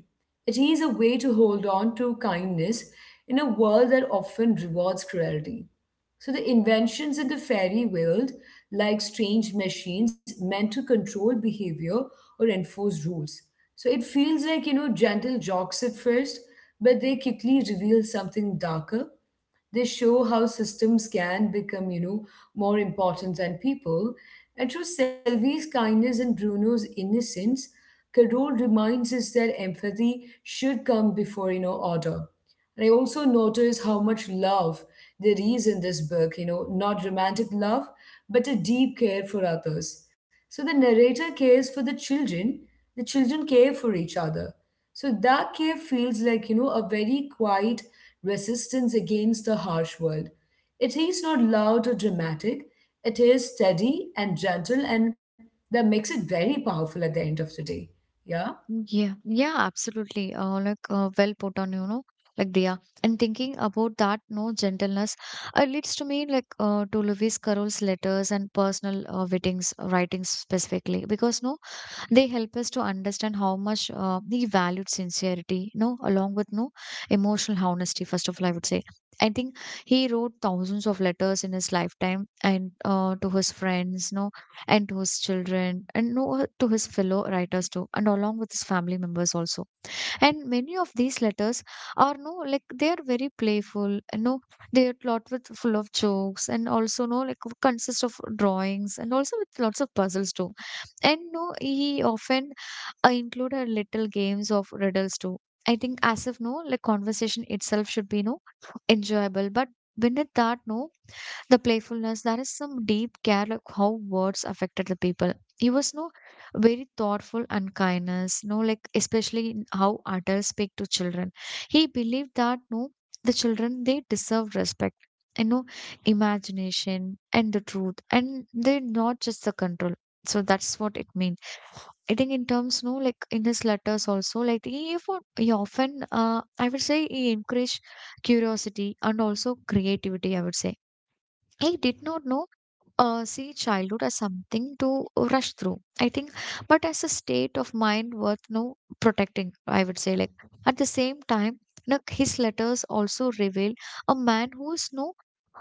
[SPEAKER 1] It is a way to hold on to kindness in a world that often rewards cruelty. So the inventions in the fairy world, like strange machines meant to control behavior or enforce rules. So it feels like, gentle jokes at first, but they quickly reveal something darker. They show how systems can become, more important than people. And through Sylvie's kindness and Bruno's innocence, Carol reminds us that empathy should come before, order. And I also notice how much love there is in this book, not romantic love, but a deep care for others. So the narrator cares for the children care for each other. So that care feels like, a very quiet resistance against the harsh world. It is not loud or dramatic, it is steady and gentle, and that makes it very powerful at the end of the day. Yeah?
[SPEAKER 2] Yeah, yeah, absolutely. Like well put on, like Dia. And thinking about that, no gentleness, leads to me like to Lewis Carroll's letters and personal writings, specifically. Because no, they help us to understand how much we valued sincerity, along with no emotional honesty, first of all, I would say. I think he wrote thousands of letters in his lifetime, and to his friends no, and to his children, and no to his fellow writers too, and along with his family members also. And many of these letters are no, like they are very playful. They are lot with full of jokes, and also no like consist of drawings, and also with lots of puzzles too, and no he often I included little games of riddles too. I think, as if no, like conversation itself should be no enjoyable, but beneath that, no, the playfulness, there is some deep care, like how words affected the people. He was no very thoughtful and kindness, no, like especially in how adults speak to children. He believed that no, the children they deserve respect. And no imagination and the truth, and they not just the control. So that's what it means. I think in terms, no, like in his letters also, like he, if he often, I would say he encouraged curiosity and also creativity, I would say. He did not know, see childhood as something to rush through, I think, but as a state of mind worth, no, protecting, I would say. Like at the same time, like his letters also reveal a man who is, no,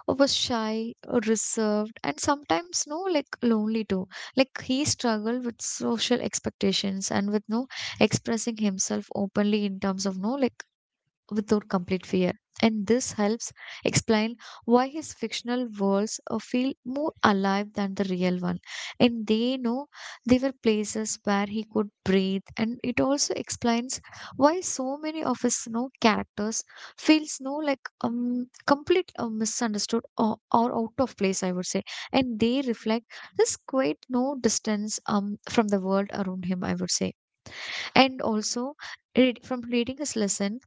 [SPEAKER 2] I was shy, reserved, and sometimes no, like lonely too. Like he struggled with social expectations and with no expressing himself openly in terms of no, like without complete fear. And this helps explain why his fictional worlds feel more alive than the real one. And they know they were places where he could breathe. And it also explains why so many of his characters feels no like complete misunderstood, or out of place, I would say. And they reflect this quite no distance from the world around him, I would say. And also from reading his lesson,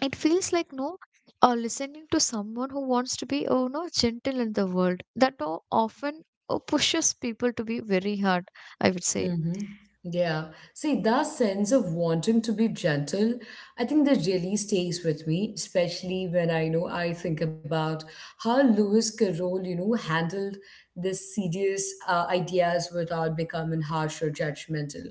[SPEAKER 2] it feels like no listening to someone who wants to be oh no gentle in the world that often pushes people to be very hard, I would say.
[SPEAKER 1] Mm-hmm. Yeah. See, that sense of wanting to be gentle, I think that really stays with me, especially when I know I think about how Lewis Carroll, handled these serious ideas without becoming harsh or judgmental.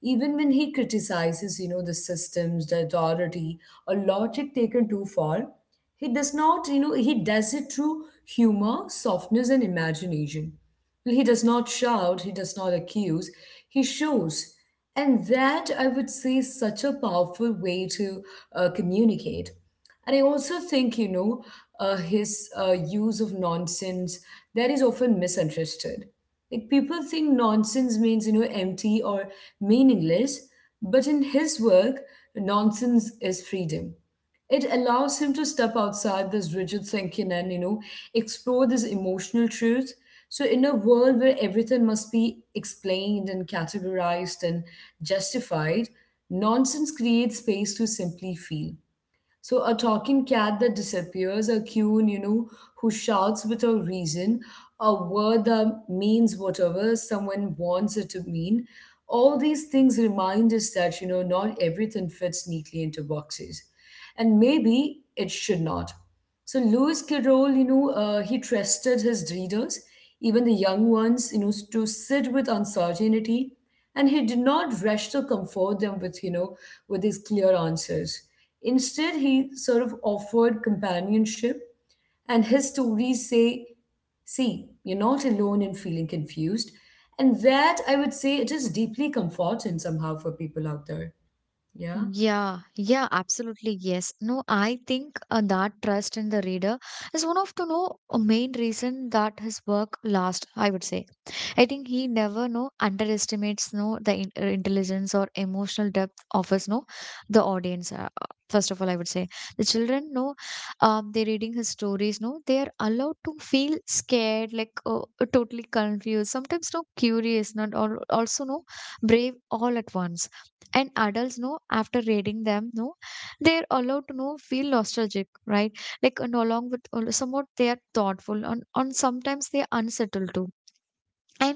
[SPEAKER 1] Even when he criticizes, the systems, the authority, or logic taken too far, he does not, he does it through humor, softness, and imagination. Well, he does not shout, he does not accuse, he shows. And that, I would say, is such a powerful way to communicate. And I also think, you know, his use of nonsense that is often misunderstood. Like people think nonsense means, you know, empty or meaningless, but in his work, nonsense is freedom. It allows him to step outside this rigid thinking and, you know, explore this emotional truth. So in a world where everything must be explained and categorized and justified, nonsense creates space to simply feel. So a talking cat that disappears, a coon, you know, who shouts without reason, a word that means whatever someone wants it to mean, all these things remind us that, you know, not everything fits neatly into boxes, and maybe it should not. So Lewis Carroll, you know, he trusted his readers, even the young ones, you know, to sit with uncertainty. And he did not rush to comfort them with, you know, with his clear answers. Instead he sort of offered companionship, and his stories say, see, you're not alone in feeling confused. And that, I would say, it is deeply comforting somehow for people out there. Yeah.
[SPEAKER 2] Yeah, yeah, absolutely. Yes. No, I think that trust in the reader is one of the no a main reason that his work lasts, I would say. I think he never no underestimates no the intelligence or emotional depth of his no the audience. First of all, I would say the children no, they're reading his stories. No, they are allowed to feel scared, like totally confused, sometimes no curious, not all also no brave all at once, and adults know after reading them no they're allowed to know feel nostalgic, right, like, and along with somewhat they are thoughtful, and sometimes they are unsettled too. And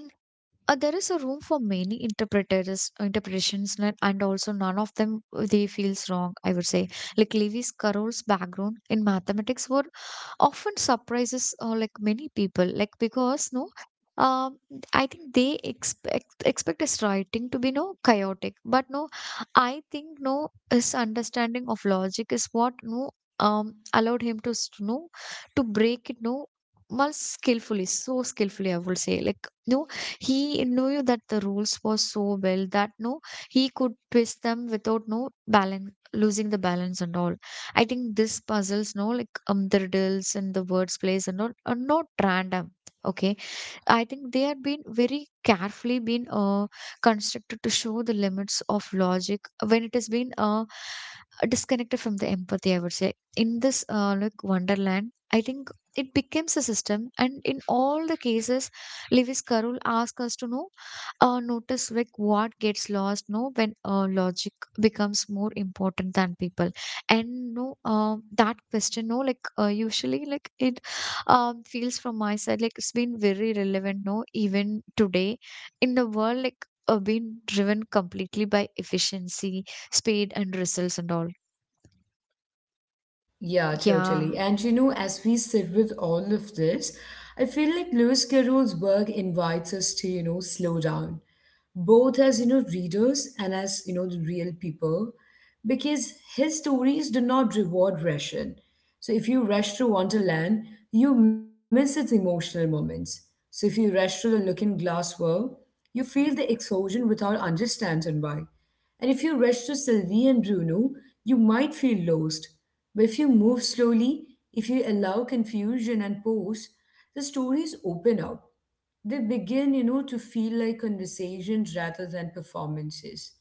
[SPEAKER 2] there is a room for many interpreters interpretations, and also none of them, they feels wrong, I would say. Like Lewis Carroll's background in mathematics were often surprises, like many people, like because no, um, I think they expect his writing to be no chaotic, but no, I think no his understanding of logic is what no allowed him to no to break it no more skillfully, so skillfully, I would say. Like no, he knew that the rules were so well that no, he could twist them without no balance losing the balance and all. I think this puzzles, no, like the riddles and the words plays and all are not random. Okay. I think they have been very carefully been constructed to show the limits of logic when it has been disconnected from the empathy. I would say in this like Wonderland, I think it becomes a system, and in all the cases, Lewis Carroll asks us to know notice like what gets lost, no, when logic becomes more important than people, and no that question, no, like usually like it feels from my side like it's been very relevant, no, even today in the world, like being driven completely by efficiency, speed and results and all.
[SPEAKER 1] Yeah,
[SPEAKER 2] Yeah.
[SPEAKER 1] totally. And you know, as we sit with all of this, I feel like Lewis Carroll's work invites us to, you know, slow down, both as, you know, readers and as, you know, the real people, because his stories do not reward rushing. So if you rush through Wonderland, you miss its emotional moments. So if you rush through the Looking Glass world, you feel the explosion without understanding why. And if you rush to Sylvie and Bruno, you might feel lost. But if you move slowly, if you allow confusion and pause, the stories open up. They begin, you know, to feel like conversations rather than performances.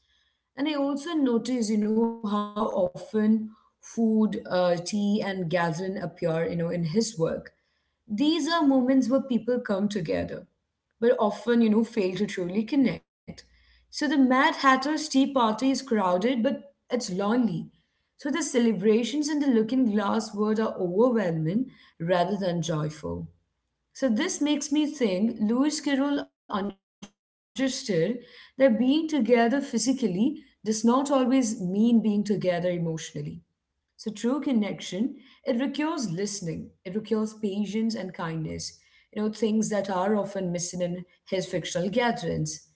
[SPEAKER 1] And I also notice, you know, how often food, tea, and gathering appear, you know, in his work. These are moments where people come together but often, you know, fail to truly connect. So the Mad Hatter's tea party is crowded, but it's lonely. So the celebrations in the Looking Glass world are overwhelming rather than joyful. So this makes me think Lewis Carroll understood that being together physically does not always mean being together emotionally. So true connection, it requires listening, it requires patience and kindness, you know, things that are often missing in his fictional gatherings.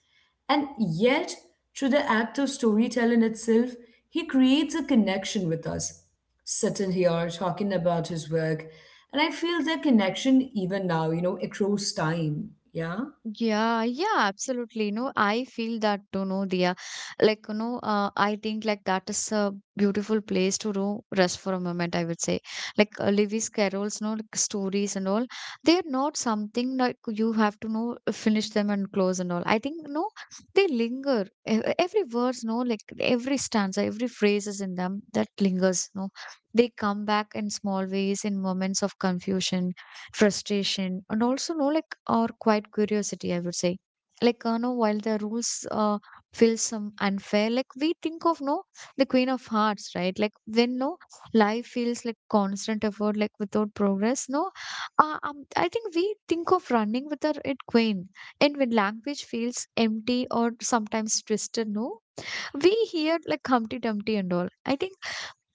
[SPEAKER 1] And yet, through the act of storytelling itself, he creates a connection with us, sitting here talking about his work. And I feel that connection even now, you know, across time. Yeah.
[SPEAKER 2] Yeah, yeah, absolutely. No, I feel that too, no, Dia. Like, you know, I think like that is a beautiful place to know rest for a moment, I would say. Like Lewis Carroll's, no, like stories and all, they are not something like you have to know finish them and close and all. I think no, they linger. Every verse, no, like every stanza, every phrase is in them that lingers, no. They come back in small ways in moments of confusion, frustration and also no like or quite curiosity, I would say. Like no, while the rules feel some unfair, like we think of, no, the Queen of Hearts, right? Like when no life feels like constant effort like without progress, no I think we think of running with the Red Queen. And when language feels empty or sometimes twisted, no, we hear like Humpty Dumpty and all, I think.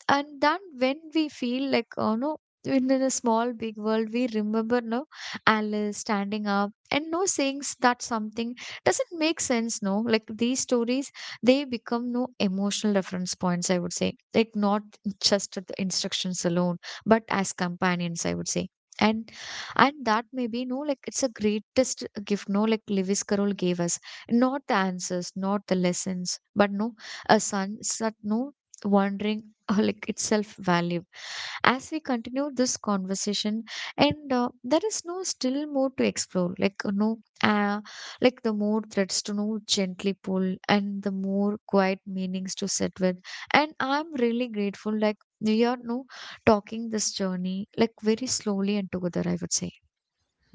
[SPEAKER 2] And then when we feel like, oh no, in a small big world, we remember, no, Alice standing up and no saying that something doesn't make sense, no. Like these stories, they become no emotional reference points, I would say, like not just the instructions alone but as companions, I would say. and and that may be no like it's a greatest gift, no, like Lewis Carroll gave us, not the answers, not the lessons, but no a sense that no wondering like itself value. As we continue this conversation and there is no still more to explore, like no, uh, like the more threads to know gently pull and the more quiet meanings to sit with. And I'm really grateful like we are no talking this journey like very slowly and together, I would say.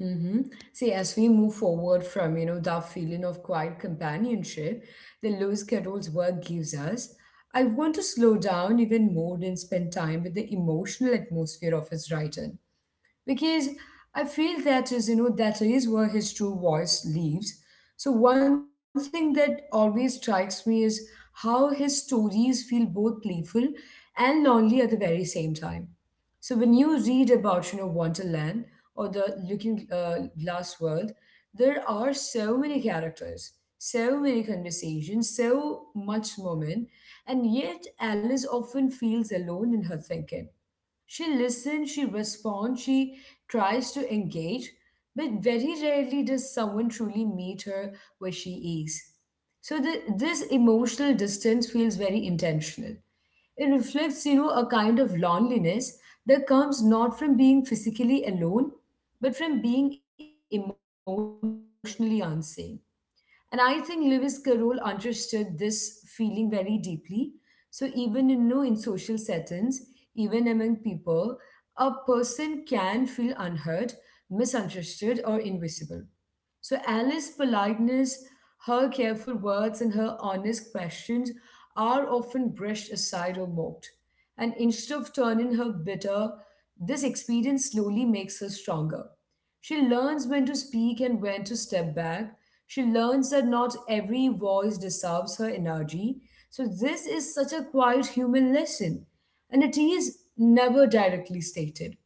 [SPEAKER 1] Mm-hmm. See, as we move forward from, you know, that feeling of quiet companionship that Lewis Carroll's work gives us, I want to slow down even more and spend time with the emotional atmosphere of his writing. Because I feel that is, you know, that is where his true voice lives. So one thing that always strikes me is how his stories feel both playful and lonely at the very same time. So when you read about, you know, Wonderland or the Looking Glass world, there are so many characters, so many conversations, so much moment, and yet Alice often feels alone in her thinking. She listens, she responds, she tries to engage, but very rarely does someone truly meet her where she is. So this emotional distance feels very intentional. It reflects, you know, a kind of loneliness that comes not from being physically alone, but from being emotionally unseen. And I think Lewis Carroll understood this feeling very deeply. So even in no in social settings, even among people, a person can feel unheard, misunderstood, or invisible. So Alice's politeness, her careful words, and her honest questions are often brushed aside or mocked. And instead of turning her bitter, this experience slowly makes her stronger. She learns when to speak and when to step back. She learns that not every voice deserves her energy. So this is such a quiet human lesson, and it is never directly stated,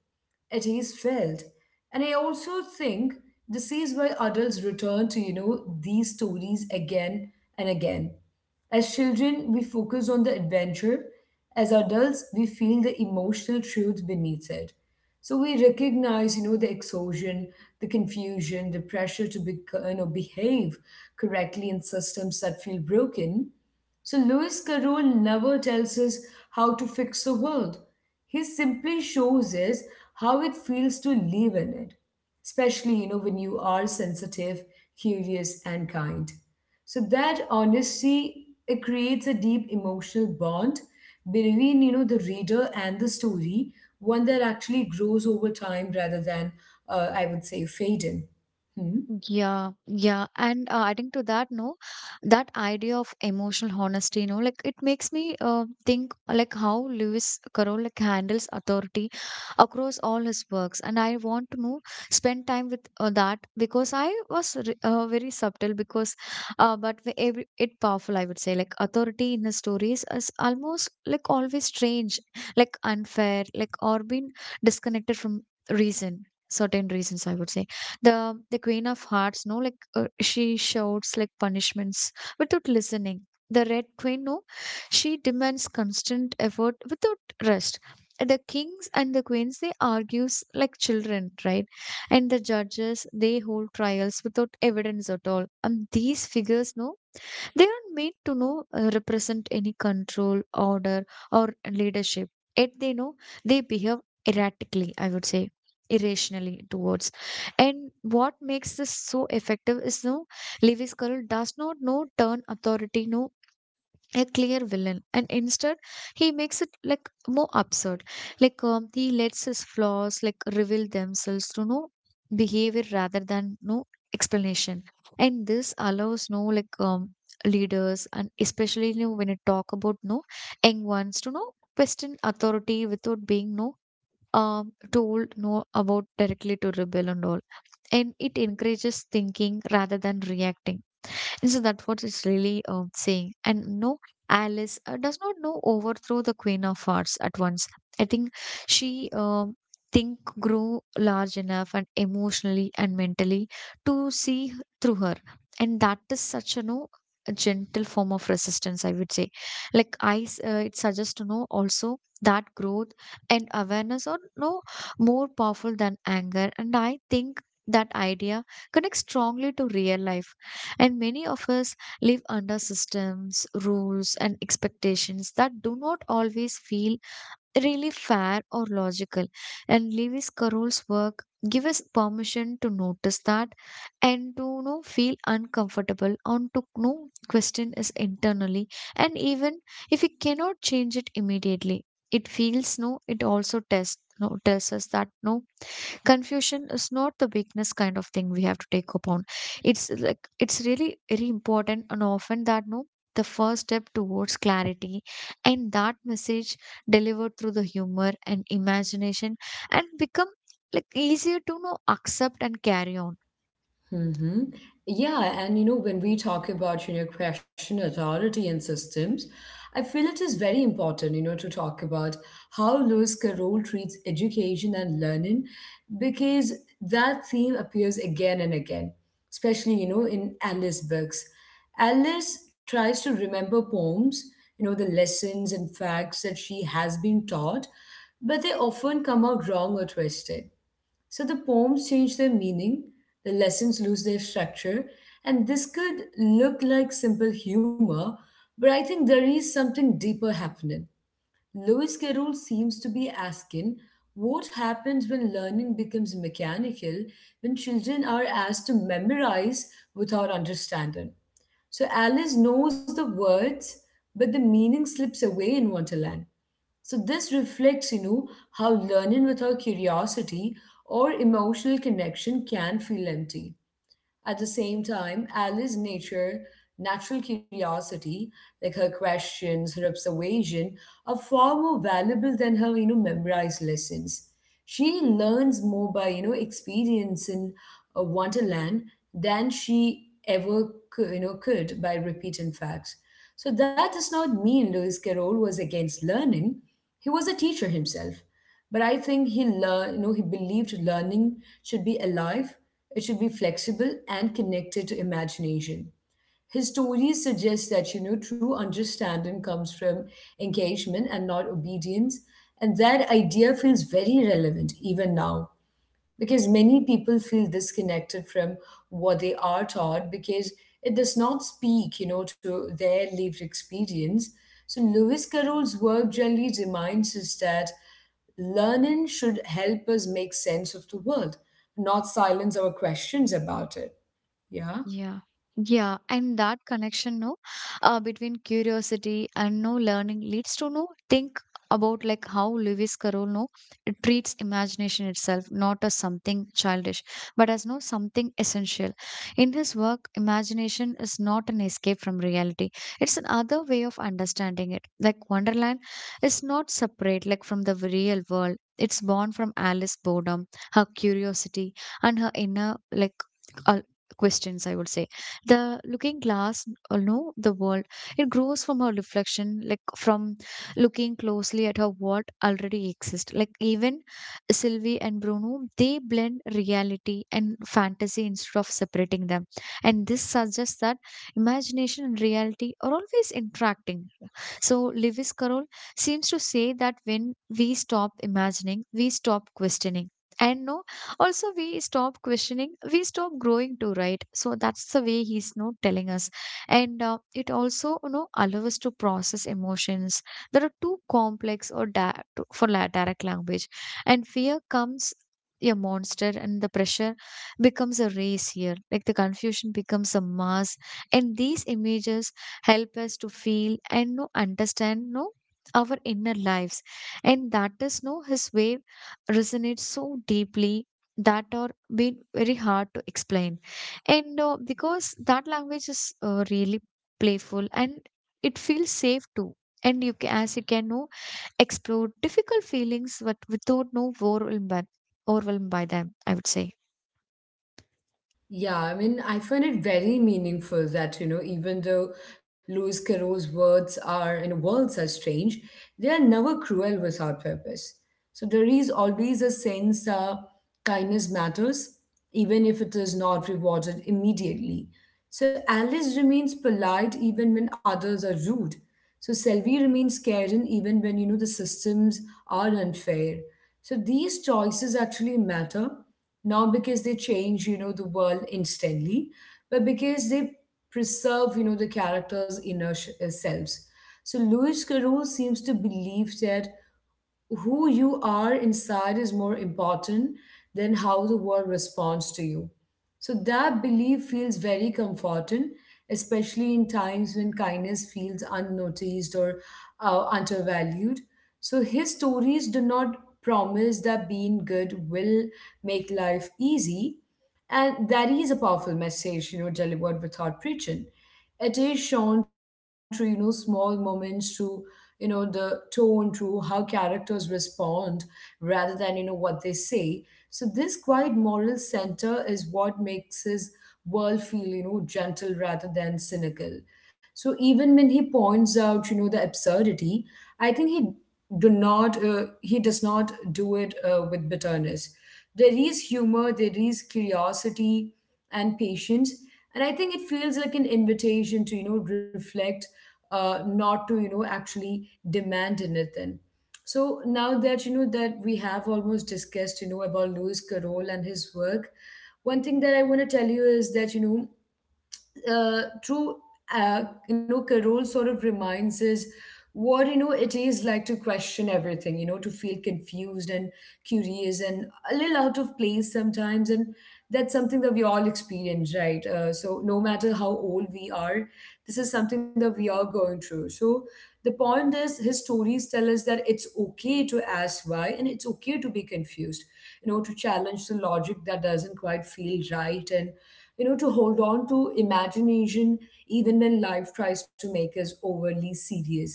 [SPEAKER 1] it is felt. And I also think this is why adults return to, you know, these stories again and again. As children, we focus on the adventure. As adults, we feel the emotional truth beneath it. So we recognize, you know, the exhaustion, the confusion, the pressure to be, you know, behave correctly in systems that feel broken. So Lewis Carroll never tells us how to fix the world. He simply shows us how it feels to live in it, especially you know when you are sensitive, curious, and kind. So that honesty it creates a deep emotional bond between you know the reader and the story, one that actually grows over time rather than I would say fade in. Hmm?
[SPEAKER 2] Yeah, yeah. And adding to that, no, that idea of emotional honesty, no, like it makes me think like how Lewis Carroll like handles authority across all his works. And I want to know, spend time with that because I was very subtle because, but every it powerful, I would say. Like authority in his stories is almost like always strange, like unfair, like or been disconnected from reason, certain reasons, I would say. The Queen of Hearts, no, like she shouts like punishments without listening. The Red Queen, no, she demands constant effort without rest. The kings and the queens, they argues like children, right? And the judges, they hold trials without evidence at all. And these figures, no, they are meant to know represent any control, order, or leadership. Yet they know they behave erratically, I would say, irrationally towards. And what makes this so effective is no Lewis Carroll does not know turn authority no a clear villain, and instead he makes it like more absurd. Like he lets his flaws like reveal themselves through no behavior rather than no explanation. And this allows no like leaders and especially you know, when you talk about no young ones, to know question authority without being no um told no about directly to rebel and all. And it encourages thinking rather than reacting. And so that's what it's really saying. And no, Alice does not know overthrow the Queen of Hearts at once. I think she think grew large enough and emotionally and mentally to through her, and that is such a no a gentle form of resistance, I would say. Like it suggests to know also that growth and awareness are no more powerful than anger, and I think that idea connects strongly to real life, and many of us live under systems, rules, and expectations that do not always feel really fair or logical. And Lewis Carroll's work give us permission to notice that and to, you know, feel uncomfortable and to, you know, question is internally. And even if we cannot change it immediately, it feels no it also tests no tells us that no confusion is not the weakness kind of thing we have to take upon. It's like it's really very important and often that no the first step towards clarity. And that message delivered through the humor and imagination and become like easier to know accept and carry on.
[SPEAKER 1] Mm-hmm. Yeah, and you know, when we talk about, you know, question authority and systems, I feel it is very important, you know, to talk about how Lewis Carroll treats education and learning, because that theme appears again and again, especially, you know, in Alice books. Alice tries to remember poems, you know, the lessons and facts that she has been taught, but they often come out wrong or twisted. So the poems change their meaning, the lessons lose their structure, and this could look like simple humor, but I think there is something deeper happening. Lewis Carroll seems to be asking what happens when learning becomes mechanical, when children are asked to memorize without understanding. So Alice knows the words, but the meaning slips away in Wonderland. So this reflects, you know, how learning without curiosity or emotional connection can feel empty. At the same time, Alice's natural curiosity, like her questions, her observation, are far more valuable than her, you know, memorized lessons. She learns more by, you know, experience in a wonderland than she ever could, you know, could by repeating facts. So that does not mean Lewis Carroll was against learning. He was a teacher himself. But I think he learned, you know, he believed learning should be alive, it should be flexible and connected to imagination. His stories suggest that, you know, true understanding comes from engagement and not obedience. And that idea feels very relevant even now because many people feel disconnected from what they are taught because it does not speak, you know, to their lived experience. So Lewis Carroll's work generally reminds us that learning should help us make sense of the world, not silence our questions about it. Yeah.
[SPEAKER 2] Yeah. Yeah, and that connection, no, between curiosity and no learning, leads to no think about like how Lewis Carroll no it treats imagination itself, not as something childish but as no something essential. In his work, imagination is not an escape from reality; it's another way of understanding it. Like Wonderland is not separate like from the real world; it's born from Alice's boredom, her curiosity, and her inner like, uh, questions, I would say. The Looking Glass, no, the world, it grows from her reflection, like from looking closely at her what already exists. Like even Sylvie and Bruno, they blend reality and fantasy instead of separating them. And this suggests that imagination and reality are always interacting. So Lewis Carroll seems to say that when we stop imagining, we stop questioning, and no, also we stop questioning, we stop growing too, right? So that's the way he's not telling us. And it also, you know, allows us to process emotions that are too complex or direct language. And fear comes a monster, and the pressure becomes a race here, like the confusion becomes a mass. And these images help us to feel and no understand no our inner lives. And that is no his way resonates so deeply that are been very hard to explain. And because that language is really playful and it feels safe too. And you can, as you can know, explore difficult feelings but without no overwhelmed by them, I would say.
[SPEAKER 1] Yeah, I mean, I find it very meaningful that, you know, even though Lewis Carroll's words are, you know, words are strange, they are never cruel without purpose. So there is always a sense kindness matters, even if it is not rewarded immediately. So Alice remains polite even when others are rude. So Selvi remains caring even when you know the systems are unfair. So these choices actually matter, not because they change, you know, the world instantly, but because they preserve, you know, the character's inner selves. So Louis Carroll seems to believe that who you are inside is more important than how the world responds to you. So that belief feels very comforting, especially in times when kindness feels unnoticed or undervalued. So his stories do not promise that being good will make life easy. And that is a powerful message, you know, delivered without preaching. It is shown through, you know, small moments, to you know the tone, to how characters respond rather than you know what they say. So this quiet moral center is what makes his world feel you know gentle rather than cynical. So even when he points out you know the absurdity, I think he does not do it with bitterness. There is humor, there is curiosity and patience, and I think it feels like an invitation to you know reflect, not to you know actually demand anything. So now that you know that we have almost discussed you know about Lewis Carroll and his work, one thing that I want to tell you is that you know true you know Carol sort of reminds us what you know it is like to question everything, you know, to feel confused and curious and a little out of place sometimes. And that's something that we all experience, right? So no matter how old we are, this is something that we are going through. So the point is his stories tell us that it's okay to ask why, and it's okay to be confused, you know, to challenge the logic that doesn't quite feel right, and you know, to hold on to imagination even when life tries to make us overly serious.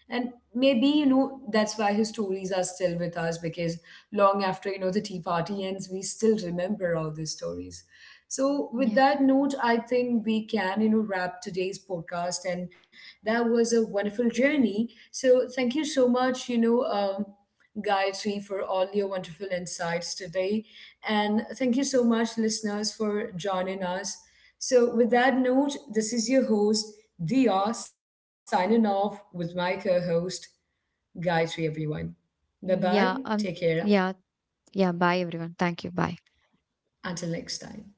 [SPEAKER 1] And maybe, you know, that's why his stories are still with us, because long after, you know, the tea party ends, we still remember all these stories. So with
[SPEAKER 2] Yeah.
[SPEAKER 1] that note, I think we can, you know, wrap today's podcast. And that was a wonderful journey. So thank you so much, you know. Gayatri, for all your wonderful insights today. And thank you so much, listeners, for joining us. So with that note, this is your host, Dia, signing off with my co host, Gayatri, everyone. Bye bye.
[SPEAKER 2] Yeah,
[SPEAKER 1] Take
[SPEAKER 2] um.
[SPEAKER 1] care.
[SPEAKER 2] Yeah. Yeah, bye everyone, thank you, bye.
[SPEAKER 1] Until next time.